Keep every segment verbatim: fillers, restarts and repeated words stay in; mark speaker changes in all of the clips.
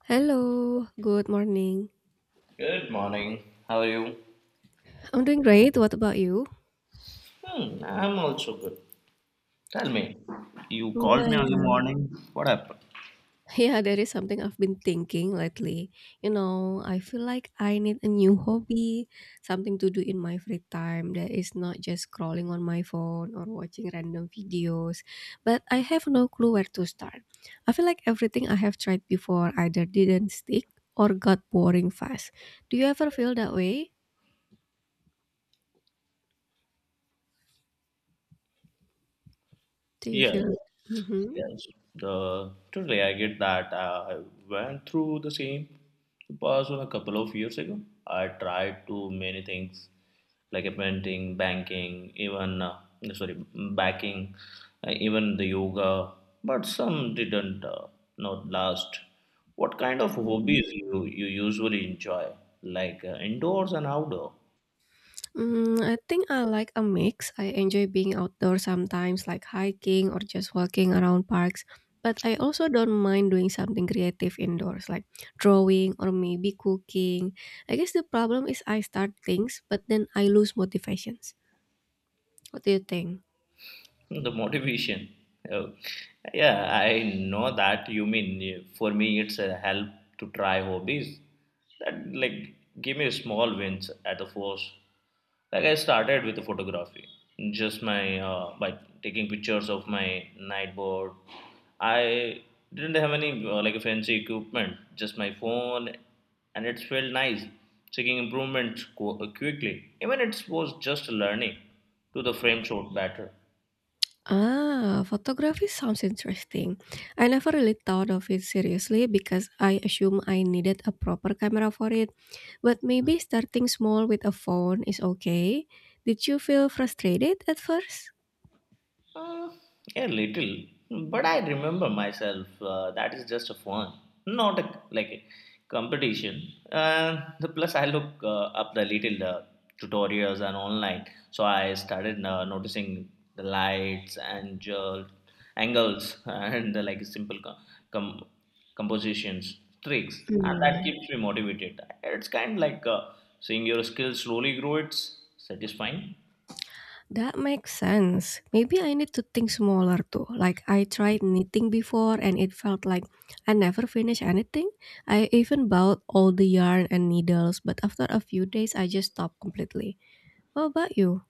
Speaker 1: Hello, good morning.
Speaker 2: Good morning. How are you?
Speaker 1: I'm doing great. What about you?
Speaker 2: Hmm, I'm also good. Tell me, you
Speaker 1: Yeah,
Speaker 2: called me early
Speaker 1: yeah.
Speaker 2: morning. What happened?
Speaker 1: Yeah, there is something I've been thinking lately. You know, I feel like I need a new hobby, something to do in my free time that is not just scrolling on my phone or watching random videos. But I have no clue where to start. I feel like everything I have tried before either didn't stick or got boring fast. Do you ever feel that way? Do you
Speaker 2: Yes.
Speaker 1: feel? Mm-hmm.
Speaker 2: Yes, the totally I get that. uh, I went through the same person a couple of years ago. I tried to many things like painting, banking, even uh, sorry, backing, uh, even the yoga, but some didn't uh, not last. What kind of hobbies you you usually enjoy, like uh, indoors and outdoor?
Speaker 1: Mm, I think I like a mix. I enjoy being outdoors sometimes, like hiking or just walking around parks. But I also don't mind doing something creative indoors, like drawing or maybe cooking. I guess the problem is I start things, but then I lose motivations. What do you think?
Speaker 2: The motivation, oh, yeah, I know that you mean, eh, for me it's a help to try hobbies that like give me small wins at the first, like I started with the photography, just my uh, by taking pictures of my night board. I didn't have any uh, like a fancy equipment, just my phone, and it felt nice seeking improvement qu- quickly, even it was just learning to the frame shot better.
Speaker 1: Ah, photography sounds interesting. I never really thought of it seriously because I assume I needed a proper camera for it. But maybe starting small with a phone is okay. Did you feel frustrated at first?
Speaker 2: Uh, a little, but I remember myself. Uh, that is just a fun, not a, like a competition. Uh, the plus, I look uh, up the little uh, tutorials and online, so I started uh, noticing the lights and jolt, angles and the, like simple com- com- compositions, tricks, and that
Speaker 1: Hmm,
Speaker 2: keeps me motivated. It's kind of like uh, seeing your skills slowly grow. It's satisfying.
Speaker 1: that makes sense. Maybe I need to think smaller too. Like I tried knitting before and it felt like I never finished anything. I even bought all the yarn and needles, but after a few days I just stopped completely. What about you?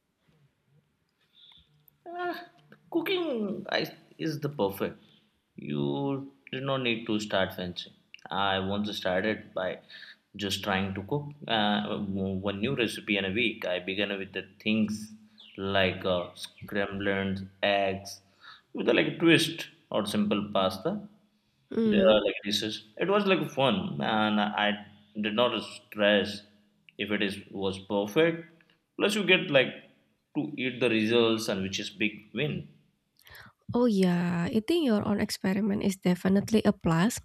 Speaker 2: Ah, cooking I, is the perfect. You did not need to start fancy. I once started by just trying to cook uh, one new recipe in a week. I began with the things like uh, scrambled eggs with a, like twist or simple pasta. There
Speaker 1: Hmm.
Speaker 2: are like races. It was like fun, and I did not stress if it is was perfect. Plus, you get like to eat the results, and which is big win.
Speaker 1: Oh yeah, eating your own experiment is definitely a plus.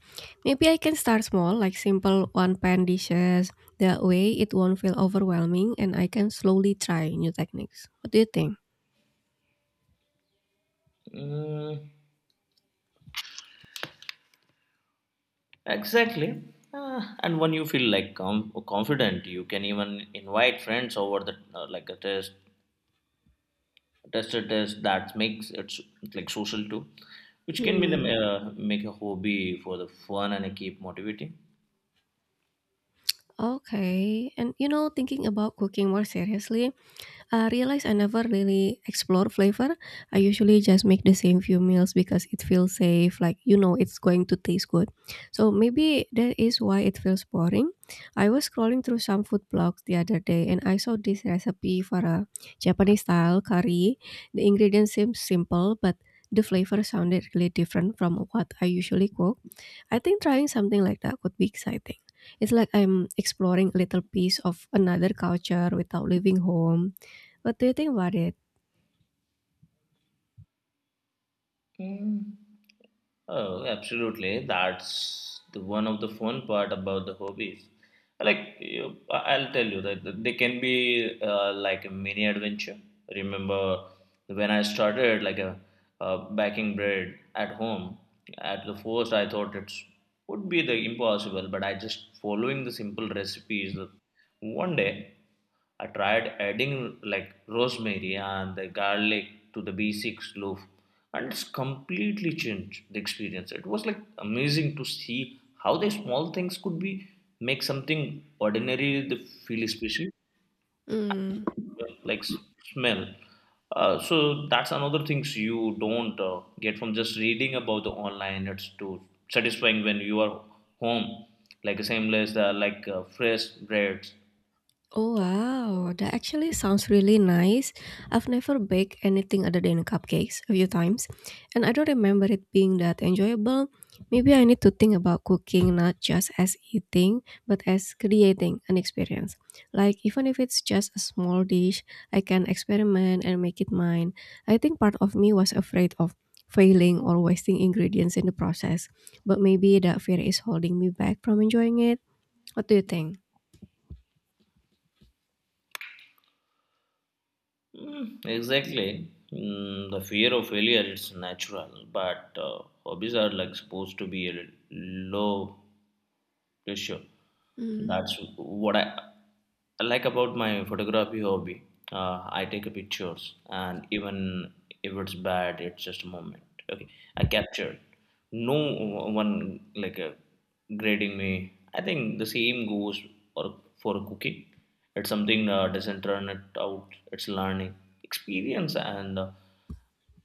Speaker 1: Maybe I can start small, like simple one-pan dishes. That way, it won't feel overwhelming, and I can slowly try new techniques. What do you think?
Speaker 2: Mm, exactly. Ah, and when you feel like com- confident, you can even invite friends over the uh, like a test, tester test that makes it s- like social too, which can be the,
Speaker 1: Hmm.
Speaker 2: uh, make a hobby for the fun and keep motivating.
Speaker 1: Okay. And you know, thinking about cooking more seriously, I realize I never really explore flavor. I usually just make the same few meals because it feels safe, like you know it's going to taste good. So maybe that is why it feels boring. I was scrolling through some food blogs the other day and I saw this recipe for a Japanese style curry. The ingredients seem simple, but the flavor sounded really different from what I usually cook. I think trying something like that could be exciting. It's like I'm exploring a little piece of another culture without leaving home. What do you think about it?
Speaker 2: Mm. Oh, absolutely. That's the one of the fun part about the hobbies. Like you, I- I'll tell you that they can be uh, like a mini adventure. Remember when I started like a, uh baking bread at home? At the first, I thought it would be the impossible, but I just following the simple recipes. uh, One day. I tried adding like rosemary and the garlic to the B six loaf, and it's completely changed the experience. It was like amazing to see how the small things could be make something ordinary the feel special,
Speaker 1: Mm.
Speaker 2: like s- smell. Uh, so that's another things you don't uh, get from just reading about the online. It's too satisfying when you are home, like a seamless, uh, like uh, fresh breads.
Speaker 1: Oh wow, that actually sounds really nice. I've never baked anything other than cupcakes a few times, and I don't remember it being that enjoyable. Maybe I need to think about cooking not just as eating, but as creating an experience. Like even if it's just a small dish, I can experiment and make it mine. I think part of me was afraid of failing or wasting ingredients in the process, but maybe that fear is holding me back from enjoying it. What do you think?
Speaker 2: Mm, exactly. Mm, the fear of failure it's natural, but uh, hobbies are like supposed to be a low pressure.
Speaker 1: Mm.
Speaker 2: That's what I I like about my photography hobby. Uh, I take pictures, and even if it's bad, it's just a moment. Okay, I captured. No one like uh, grading me. I think the same goes for for cooking. It's something uh, doesn't turn it out. It's learning experience and uh,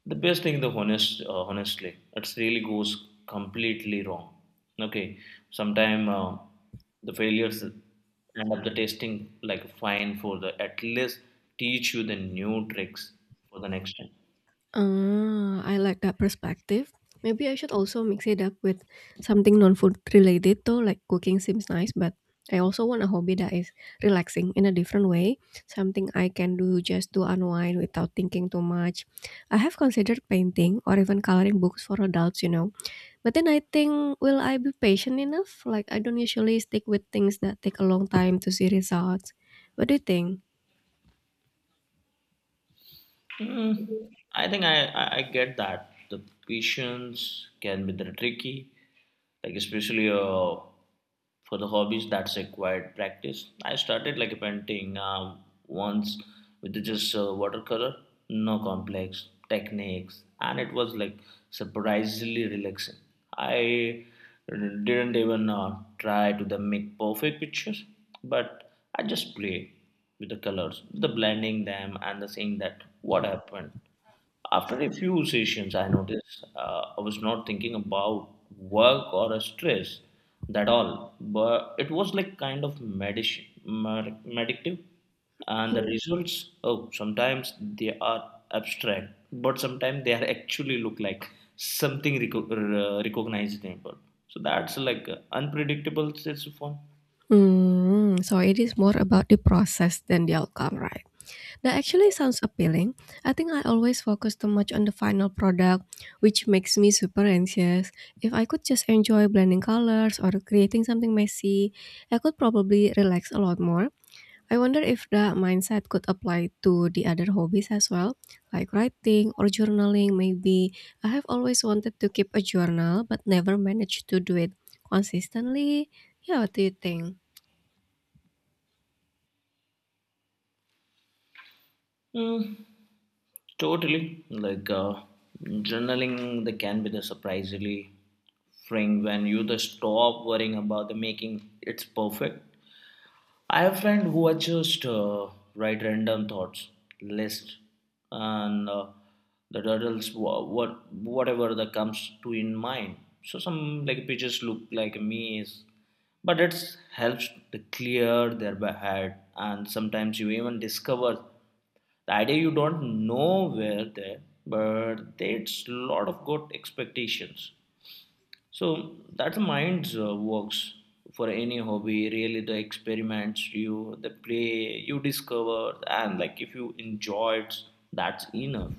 Speaker 2: the best thing the honest uh, honestly, it really goes completely wrong. Okay, sometime uh, the failures end up the testing like fine for the at least teach you the new tricks for the next time.
Speaker 1: Ah, I like that perspective. Maybe I should also mix it up with something non-food related though, like cooking seems nice, but I also want a hobby that is relaxing in a different way, something I can do just to unwind without thinking too much. I have considered painting or even coloring books for adults, you know. But then I think, will I be patient enough? Like, I don't usually stick with things that take a long time to see results. What do you think?
Speaker 2: Mm, I think I, I, I get that. The patience can be the tricky, like especially uh, for the hobbies that's required practice. I started like painting uh, once with just uh, watercolor, no complex techniques, and it was like surprisingly relaxing. I didn't even uh, try to the make perfect pictures, but I just play with the colors, the blending them and the saying that what happened. After a few sessions, I noticed uh, I was not thinking about work or a stress that all, but it was like kind of medicine, med- meditative, and the results. Oh, sometimes they are abstract, but sometimes they are actually look like something reco- r- recognizable. So that's like uh, unpredictable. It's fun.
Speaker 1: Hmm. So it is more about the process than the outcome, right? That actually sounds appealing. I think I always focus too much on the final product, which makes me super anxious. If I could just enjoy blending colors or creating something messy, I could probably relax a lot more. I wonder if that mindset could apply to the other hobbies as well, like writing or journaling, maybe. I have always wanted to keep a journal but never managed to do it consistently. Yeah, what do you think?
Speaker 2: Totally. Like uh, journaling, they can be the surprisingly freeing when you just stop worrying about the making. It's perfect. I have friend who are just uh, write random thoughts list and uh, the turtles wha- what whatever that comes to in mind. So some like pictures look like a maze, but it helps to clear their ba- head. And sometimes you even discover the idea you don't know where there, but it's lot of good expectations. So that's the mind's uh, works for any hobby. Really, the experiments you, the play you discover, and like if you enjoy it, that's enough.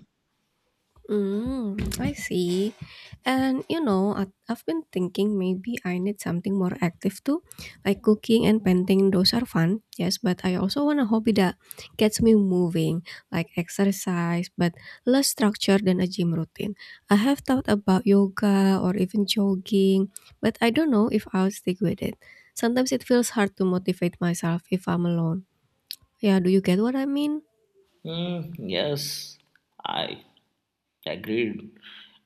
Speaker 1: Mm, I see. And you know, I- I've been thinking maybe I need something more active too, like cooking and painting. Those are fun, yes, but I also want a hobby that gets me moving, like exercise, but less structured than a gym routine. I have thought about yoga or even jogging, but I don't know if I'll stick with it. Sometimes it feels hard to motivate myself if I'm alone. Yeah, do you get what I mean?
Speaker 2: Hmm, yes, I agreed,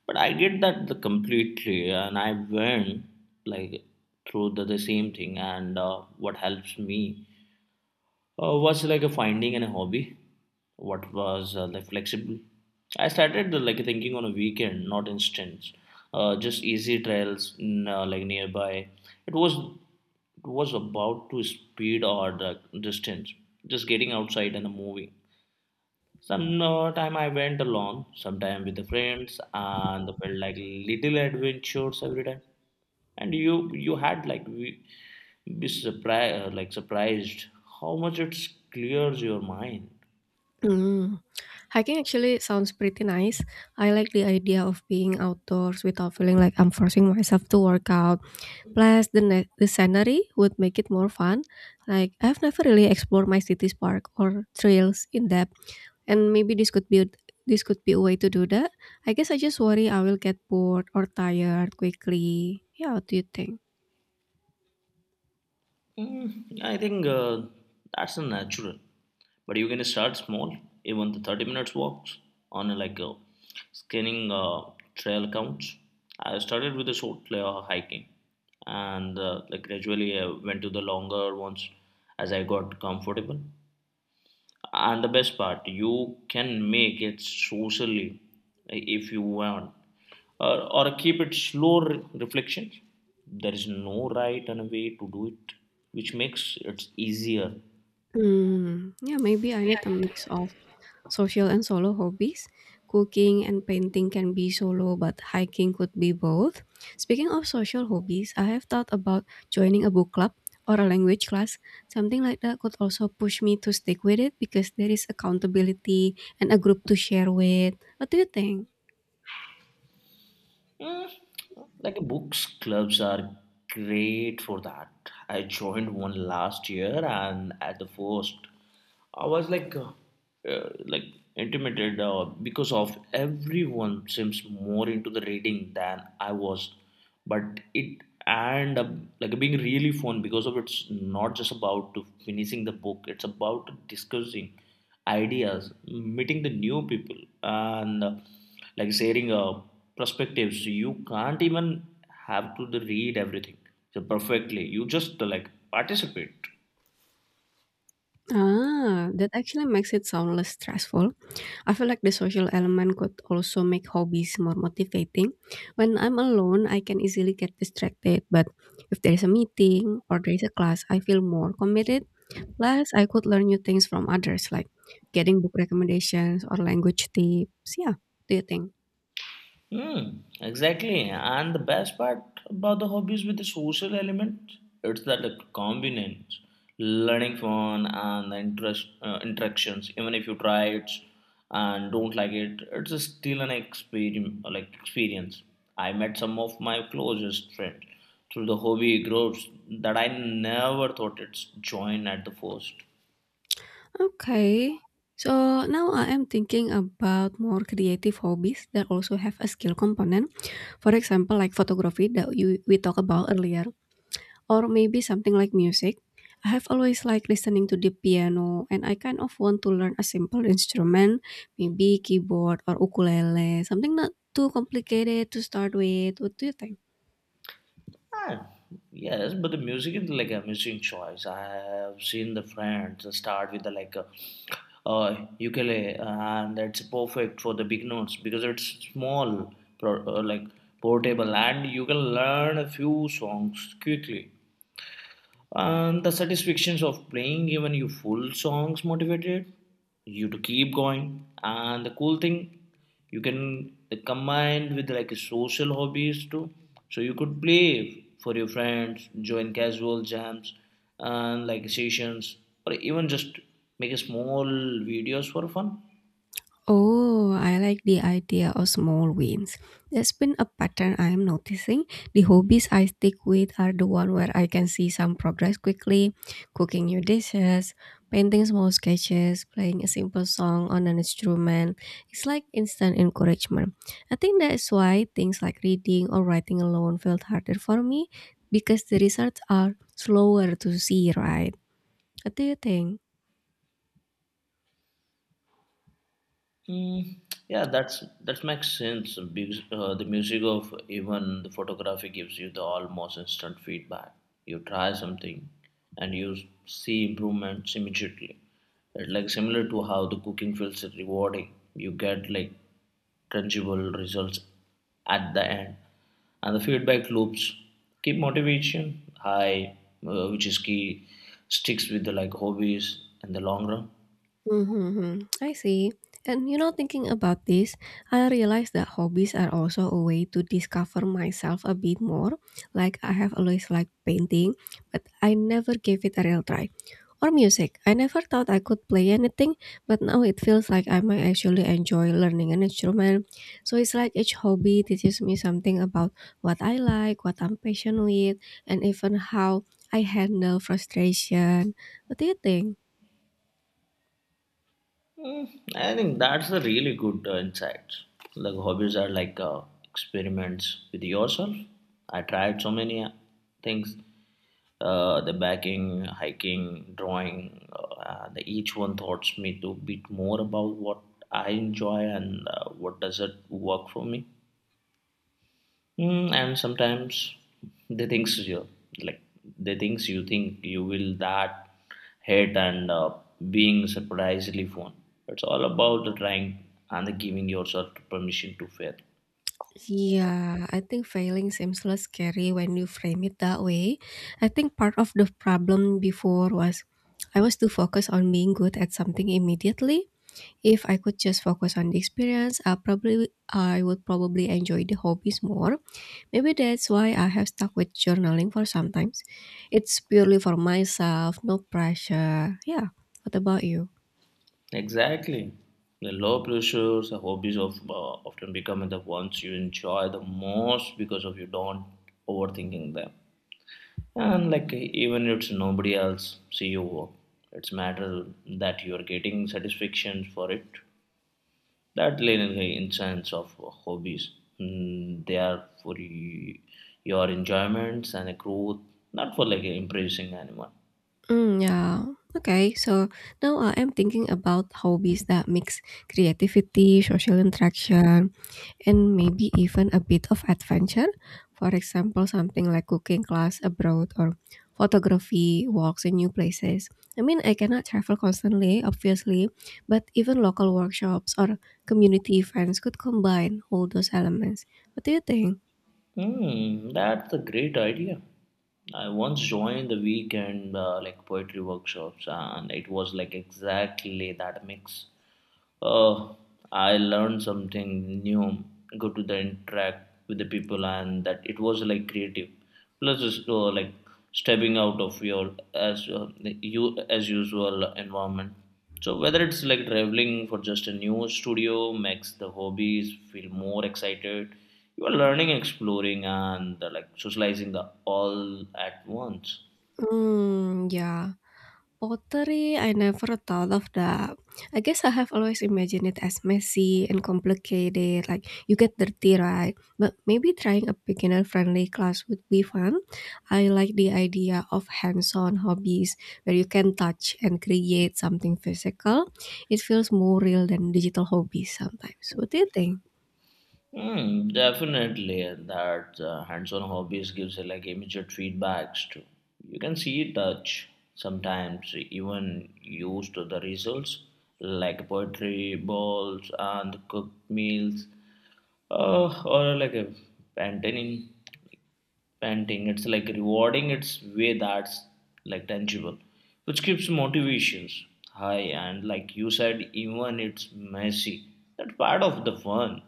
Speaker 2: but I get that the completely, and I went like through the, the same thing. And uh, what helps me uh, was like a finding and a hobby what was uh, like flexible. I started uh, like thinking on a weekend not instance, uh, just easy trails, mm, uh, like nearby. It was it was about to speed or the distance, just getting outside and moving some uh, time. I went alone sometime with the friends and felt like little adventures every time. And you you had like, we- be surprised, like surprised how much it clears your mind.
Speaker 1: Mm. Hiking actually sounds pretty nice. I like the idea of being outdoors without feeling like I'm forcing myself to work out. Plus, the ne- the scenery would make it more fun. Like I've never really explored my city's park or trails in depth, and maybe this could be this could be a way to do that. I guess I just worry I will get bored or tired quickly. Yeah, what do you think?
Speaker 2: Mm, I think uh, that's a natural, but you can start small. Even the thirty minutes walks on a, like a scanning uh, trail counts. I started with a short uh, hiking, and uh, like gradually I went to the longer ones as I got comfortable. And the best part, you can make it socially, eh, if you want, or, or keep it slow re- reflections. There is no right and way to do it, which makes it easier.
Speaker 1: Hmm. Yeah, maybe I need a mix of social and solo hobbies. Cooking and painting can be solo, but hiking could be both. Speaking of social hobbies, I have thought about joining a book club or a language class. Something like that could also push me to stick with it because there is accountability and a group to share with. What do you think?
Speaker 2: Mm, like books clubs are great for that. I joined one last year, and at the first I was like, uh, uh, like intimidated uh, because of everyone seems more into the reading than I was, but it and uh, like being really fun because of it's not just about to finishing the book. It's about discussing ideas, meeting the new people, and uh, like sharing uh, perspectives. So you can't even have to the read everything so perfectly. You just uh, like participate.
Speaker 1: Ah, that actually makes it sound less stressful. I feel like the social element could also make hobbies more motivating. When I'm alone, I can easily get distracted, but if there's a meeting or there's a class, I feel more committed. Plus, I could learn new things from others, like getting book recommendations or language tips. Yeah, do you think?
Speaker 2: Hmm, exactly. And the best part about the hobbies with the social element, it's that the convenience, learning fun and the interest uh, interactions. Even if you try it and don't like it, it's still an experience. Like experience. I met some of my closest friends through the hobby groups that I never thought it's join at the first.
Speaker 1: Okay. So now I am thinking about more creative hobbies that also have a skill component. For example, like photography that you, we talked about earlier. Or maybe something like music. I have always liked listening to the piano, and I kind of want to learn a simple instrument, maybe keyboard or ukulele, something not too complicated to start with. What do you think?
Speaker 2: Ah, yes, but the music is like a music choice. I have seen the friends start with the like a, uh, ukulele, and that's perfect for the big notes because it's small, pro, uh, like portable, and you can learn a few songs quickly, and the satisfactions of playing even you full songs motivated you to keep going. And the cool thing, you can combine with like social hobbies too, so you could play for your friends, join casual jams and like sessions, or even just make a small videos for fun.
Speaker 1: Oh, I like the idea of small wins. That's been a pattern I'm noticing. The hobbies I stick with are the one where I can see some progress quickly, cooking new dishes, painting small sketches, playing a simple song on an instrument. It's like instant encouragement. I think that's why things like reading or writing alone felt harder for me because the results are slower to see, right? What do you think?
Speaker 2: Mm, yeah, that's that makes sense because uh, the music of even the photography gives you the almost instant feedback. You try something and you see improvements immediately. It's like similar to how the cooking feels rewarding. You get like tangible results at the end, and the feedback loops keep motivation high, uh, which is key. Sticks with the like hobbies in the long run.
Speaker 1: Mm-hmm. I see. And you know, thinking about this, I realized that hobbies are also a way to discover myself a bit more. Like I have always liked painting, but I never gave it a real try. Or music. I never thought I could play anything, but now it feels like I might actually enjoy learning an instrument. So it's like each hobby teaches me something about what I like, what I'm passionate with, and even how I handle frustration. What do you think?
Speaker 2: I think that's a really good uh, insight. Like hobbies are like uh, experiments with yourself. I tried so many uh, things: uh, the baking, hiking, drawing. Uh, the, each one taught me to bit more about what I enjoy and uh, what doesn't work for me. Mm, and sometimes they thinks you like they thinks you think you will that hate and uh, being surprisingly fun. It's all about the trying and the giving yourself permission to fail.
Speaker 1: Yeah, I think failing seems less scary when you frame it that way. I think part of the problem before was I was too focused on being good at something immediately. If I could just focus on the experience, I probably I would probably enjoy the hobbies more. Maybe that's why I have stuck with journaling for sometimes. It's purely for myself, no pressure. Yeah. What about you?
Speaker 2: Exactly. The low pressures, the hobbies of uh, often becoming the ones you enjoy the most because of you don't overthinking them. And like even it's nobody else see you work. It's matter that you are getting satisfaction for it. That little instance of hobbies, mm, they are for y- your enjoyments and growth, not for like impressing anyone.
Speaker 1: Mm, yeah. Okay. So now I am thinking about hobbies that mix creativity, social interaction, and maybe even a bit of adventure. For example, something like cooking class abroad or photography walks in new places. I mean, I cannot travel constantly, obviously, but even local workshops or community events could combine all those elements. What do you think?
Speaker 2: Hmm, that's a great idea. I once joined the weekend uh, like poetry workshops, and it was like exactly that mix. Oh, I learned something new. Go to the interact with the people, and that it was like creative. Plus, it's, uh, like stepping out of your as uh, you as usual environment. So whether it's like traveling for just a new studio makes the hobbies feel more excited. You are learning, exploring, and uh, like socializing the all at once.
Speaker 1: Mm, yeah. Pottery, I never thought of that. I guess I have always imagined it as messy and complicated, like you get dirty, right? But maybe trying a beginner friendly class would be fun. I like the idea of hands on hobbies where you can touch and create something physical. It feels more real than digital hobbies sometimes. What do you think?
Speaker 2: Mm, definitely, and that uh, hands-on hobbies gives uh, like immediate feedbacks too. You can see touch sometimes even used to the results like poetry balls and cooked meals, uh, or like a painting. Painting, it's like rewarding its way that's like tangible, which keeps motivations high and like you said, even it's messy. That's part of the fun.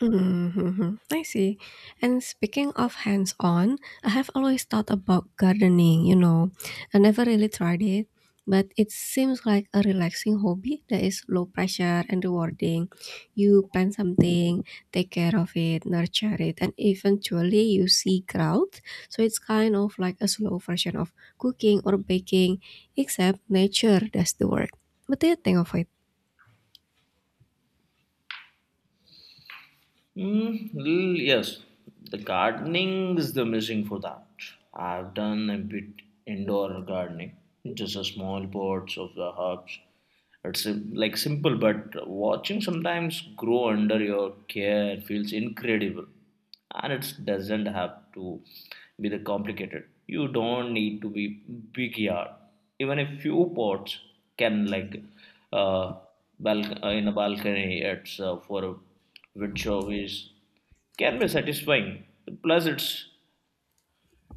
Speaker 1: Mm-hmm. I see. And speaking of hands on, I have always thought about gardening, you know. I never really tried it, but it seems like a relaxing hobby that is low pressure and rewarding. You plant something, take care of it, nurture it, and eventually you see growth. So it's kind of like a slow version of cooking or baking, except nature does the work. What do you think of it?
Speaker 2: Mm, l- yes, the gardening is the missing for that. I've done a bit indoor gardening, just a small pots of the herbs. It's sim- like simple, but watching sometimes grow under your care feels incredible and it doesn't have to be the complicated you don't need to be big yard even a few pots can like uh, balc- uh, in a balcony it's uh, for a wood showcase can be satisfying plus it's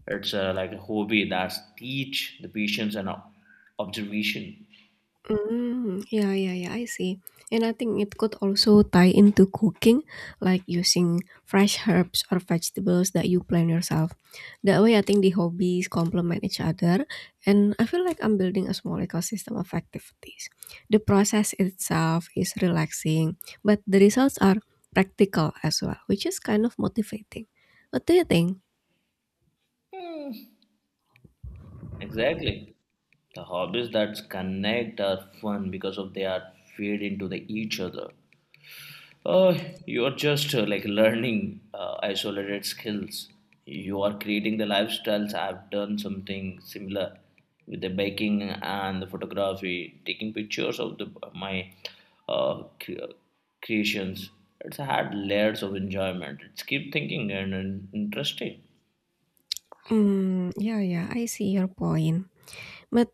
Speaker 2: it's uh, like a hobby that's teach the patience and ob- observation
Speaker 1: Mm, yeah, yeah, yeah, I see. And I think it could also tie into cooking, like using fresh herbs or vegetables that you plant yourself. That way, I think the hobbies complement each other, and I feel like I'm building a small ecosystem of activities. The process itself is relaxing, but the results are practical as well, which is kind of motivating. What do you think?
Speaker 2: exactly the hobbies that connect are fun because of they are fed into the each other Uh, you're just uh, like learning uh, isolated skills. You are creating the lifestyles. I've done something similar with the baking and the photography, taking pictures of the my uh, cre- creations. It's had layers of enjoyment. It's keep thinking and, and interesting.
Speaker 1: Mm, yeah, yeah, I see your point. But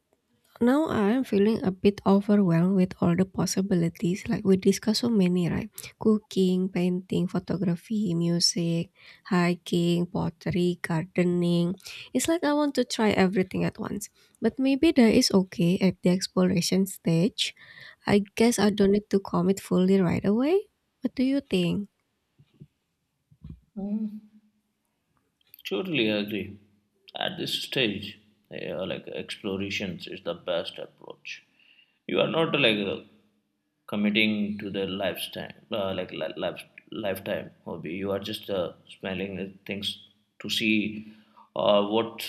Speaker 1: now I am feeling a bit overwhelmed with all the possibilities. Like we discussed so many, right? Cooking, painting, photography, music, hiking, pottery, gardening. It's like I want to try everything at once. But maybe that is okay at the exploration stage. I guess I don't need to commit fully right away. What do you think?
Speaker 2: Mm, totally agree. At this stage, uh, like explorations is the best approach. You are not like uh, committing to the lifestyle uh, like li- life, lifetime hobby you are just uh, smelling uh, things to see uh, what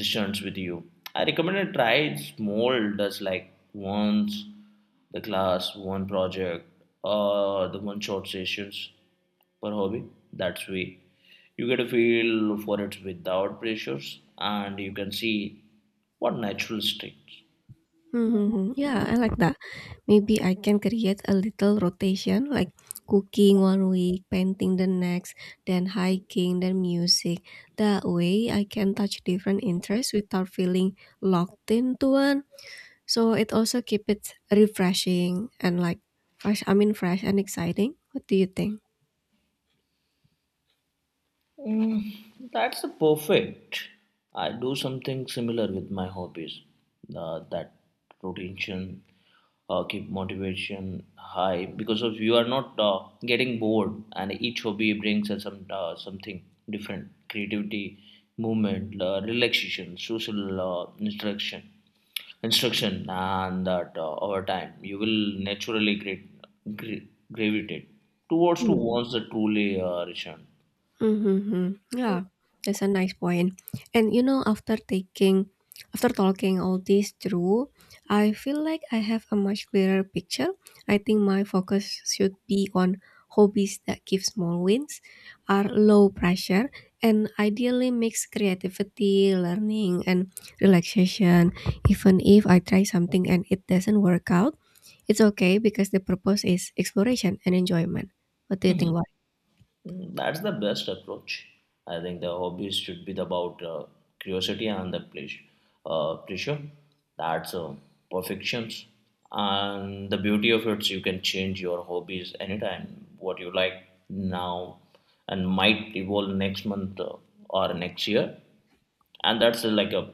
Speaker 2: resonates with you. I recommend a try small does like once the class one project or the one short sessions per hobby that's way you get a feel for it without pressures and you can see what natural sticks.
Speaker 1: Hmm, hmm, hmm. Yeah, I like that. Maybe I can create a little rotation like cooking one week, painting the next, then hiking, then music. That way I can touch different interests without feeling locked into one. So it also keep it refreshing and like fresh I mean fresh and exciting. What do you think?
Speaker 2: Mm, that's a perfect. I do something similar with my hobbies. Uh, that rotation, uh, keep motivation high because of you are not uh, getting bored, and each hobby brings us some uh, something different: creativity, movement, uh, relaxation, social uh, instruction, instruction, and that uh, over time you will naturally gra- gra- gravitate towards to
Speaker 1: Hmm.
Speaker 2: wants that truly uh, return.
Speaker 1: Mm-hmm. Yeah, that's a nice point. And you know, after taking, after talking all this through, I feel like I have a much clearer picture. I think my focus should be on hobbies that give small wins, are low pressure, and ideally mix creativity, learning, and relaxation. Even if I try something and it doesn't work out, it's okay because the purpose is exploration and enjoyment. What do you think about?
Speaker 2: Mm, that's the best approach. I think the hobbies should be about uh, curiosity and the pleasure. Uh, pleasure. That's uh, perfections. And the beauty of it, you can change your hobbies anytime. What you like now and might evolve next month uh, or next year. And that's uh, like a,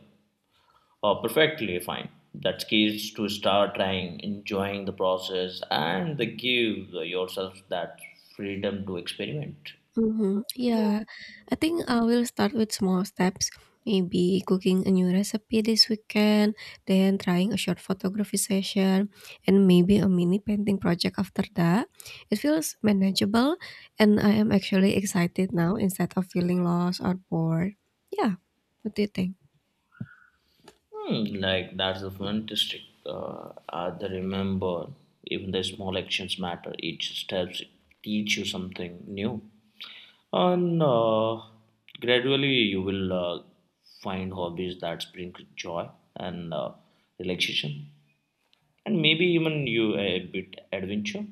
Speaker 2: a perfectly fine. That's key is to start trying, enjoying the process, and the give yourself that freedom to experiment.
Speaker 1: Mhm, yeah. I think I will start with small steps, maybe cooking a new recipe this weekend, then trying a short photography session, and maybe a mini painting project after that. It feels manageable, and I am actually excited now instead of feeling lost or bored. Yeah, what do you think?
Speaker 2: Hmm, like that's the fantastic. Uh, I the remember even the small actions matter. Each steps teach you something new, and uh, gradually you will uh, find hobbies that bring joy and uh, relaxation, and maybe even you a bit adventure.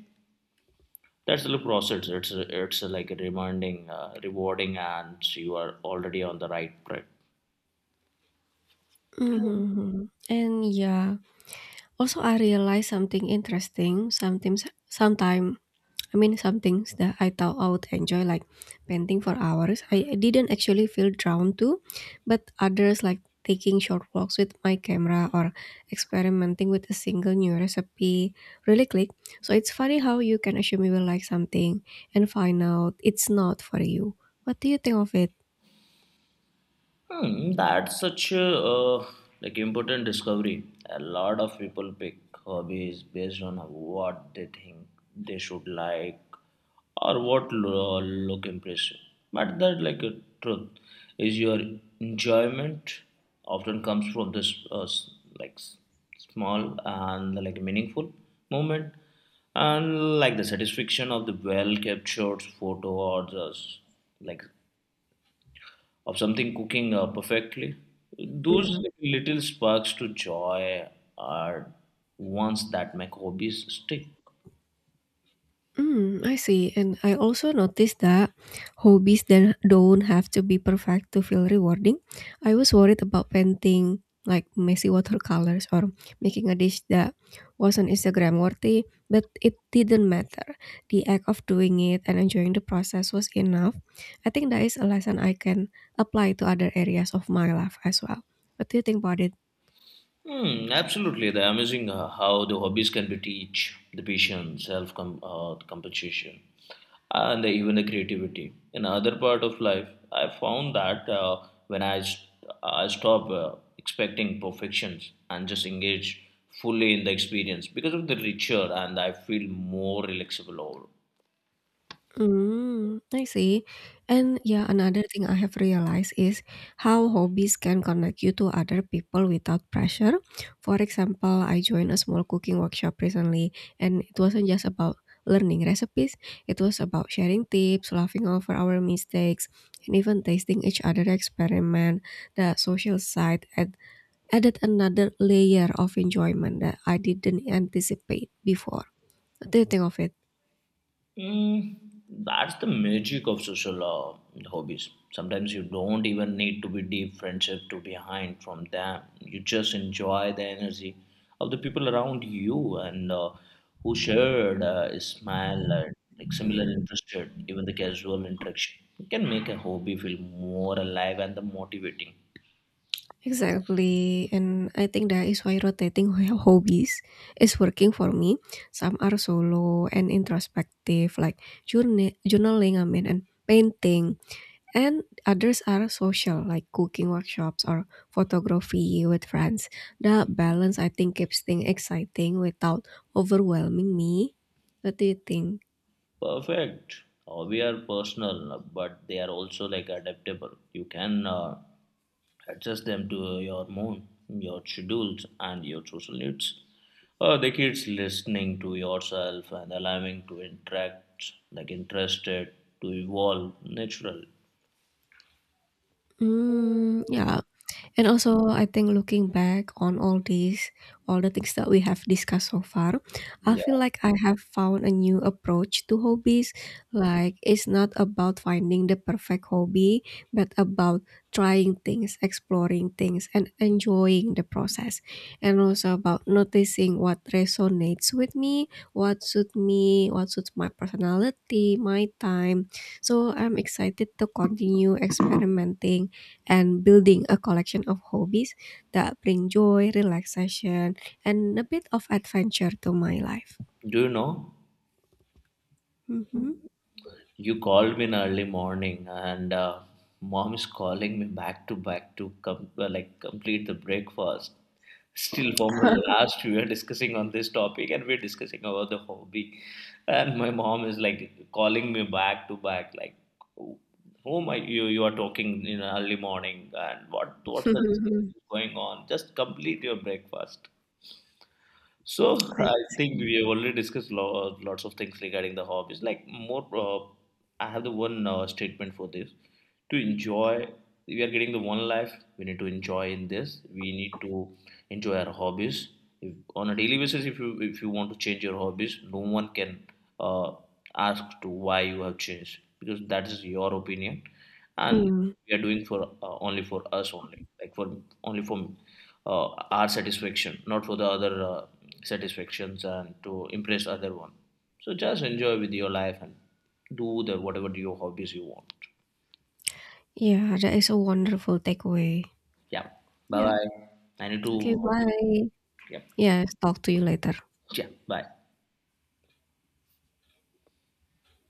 Speaker 2: That's the look process. It's a, it's a, like a reminding, uh, rewarding, and you are already on the right track.
Speaker 1: Mm-hmm. And yeah, also I realized something interesting. Sometimes, sometimes I mean, some things that I thought I would enjoy, like painting for hours, I didn't actually feel drawn to, but others, like taking short walks with my camera or experimenting with a single new recipe, really click. So it's funny how you can assume you will like something and find out it's not for you. What do you think of it?
Speaker 2: Hmm, that's such a uh, like important discovery. A lot of people pick hobbies based on what they think they should like or what lo- look impressive. But that like a truth is your enjoyment often comes from this uh, s- like s- small and like meaningful moment and like the satisfaction of the well captured photo or just like of something cooking uh, perfectly. Those little sparks to joy are ones that make hobbies stick.
Speaker 1: Mm, I see. And I also noticed that hobbies then don't have to be perfect to feel rewarding. I was worried about painting like messy watercolors or making a dish that wasn't Instagram worthy, but it didn't matter. The act of doing it and enjoying the process was enough. I think that is a lesson I can apply to other areas of my life as well. What do you think about it?
Speaker 2: Hmm, absolutely. They're amazing uh, how the hobbies can be teach the patience, self com- uh, compensation, and even the creativity. In other part of life, I found that uh, when I, st- I stop uh, expecting perfections and just engage fully in the experience because of the richer and I feel more relaxable overall.
Speaker 1: Mm, I see. And yeah, another thing I have realized is how hobbies can connect you to other people without pressure. For example, I joined a small cooking workshop recently, and it wasn't just about learning recipes, it was about sharing tips, laughing over our mistakes, and even tasting each other's experiment. The social side add, added another layer of enjoyment that I didn't anticipate before. What do you think of it?
Speaker 2: Mm, that's the magic of social uh, hobbies. Sometimes you don't even need to be deep friendship to be behind from them. You just enjoy the energy of the people around you and uh, who shared uh, smile, uh, like similar interest, even the casual interaction can make a hobby feel more alive and the motivating.
Speaker 1: Exactly, and I think that is why rotating ho- hobbies is working for me. Some are solo and introspective, like journa- journaling, I mean, and painting, and others are social, like cooking workshops or photography with friends. The balance, I think, keeps things exciting without overwhelming me. What do you think?
Speaker 2: Perfect. Uh, we are personal, but they are also like adaptable. You can uh, adjust them to your mood, your schedules, and your social needs. Uh, the kids listening to yourself and allowing to interact, like interested, to evolve naturally.
Speaker 1: Hmm, yeah. And also, I think looking back on all these, all the things that we have discussed so far, I
Speaker 2: Yeah.
Speaker 1: feel like I have found a new approach to hobbies. Like, it's not about finding the perfect hobby, but about trying things, exploring things, and enjoying the process. And also about noticing what resonates with me, what suits me, what suits my personality, my time. So, I'm excited to continue experimenting and building a collection of hobbies that bring joy, relaxation, and a bit of adventure to my life.
Speaker 2: Do you know?
Speaker 1: Mhm.
Speaker 2: You called me in early morning, and uh, mom is calling me back to back to com- uh, like complete the breakfast. Still, from the last we were discussing on this topic, and we're discussing about the hobby, and my mom is like calling me back to back, like, whom are you you are talking in early morning, and what what's the discussion is going on? Just complete your breakfast. So
Speaker 1: I
Speaker 2: I think
Speaker 1: see.
Speaker 2: we have already discussed lo- lots of things regarding the hobbies. Like more, uh, I have the one uh, statement for this: to enjoy. We are getting the one life. We need to enjoy in this. We need to enjoy our hobbies if, on a daily basis. If you if you want to change your hobbies, no one can uh, ask to why you have changed because that is your opinion, and
Speaker 1: Mm.
Speaker 2: we are doing for uh, only for us only, like for only for uh, our satisfaction, not for the other. Uh, satisfactions and to impress other one so just enjoy with your life and do the whatever your hobbies you want.
Speaker 1: Yeah, that is a wonderful takeaway.
Speaker 2: Yeah, bye
Speaker 1: Yeah.
Speaker 2: bye, I need
Speaker 1: Okay,
Speaker 2: to.
Speaker 1: bye.
Speaker 2: Yeah.
Speaker 1: Yes, talk to you later.
Speaker 2: Yeah, bye.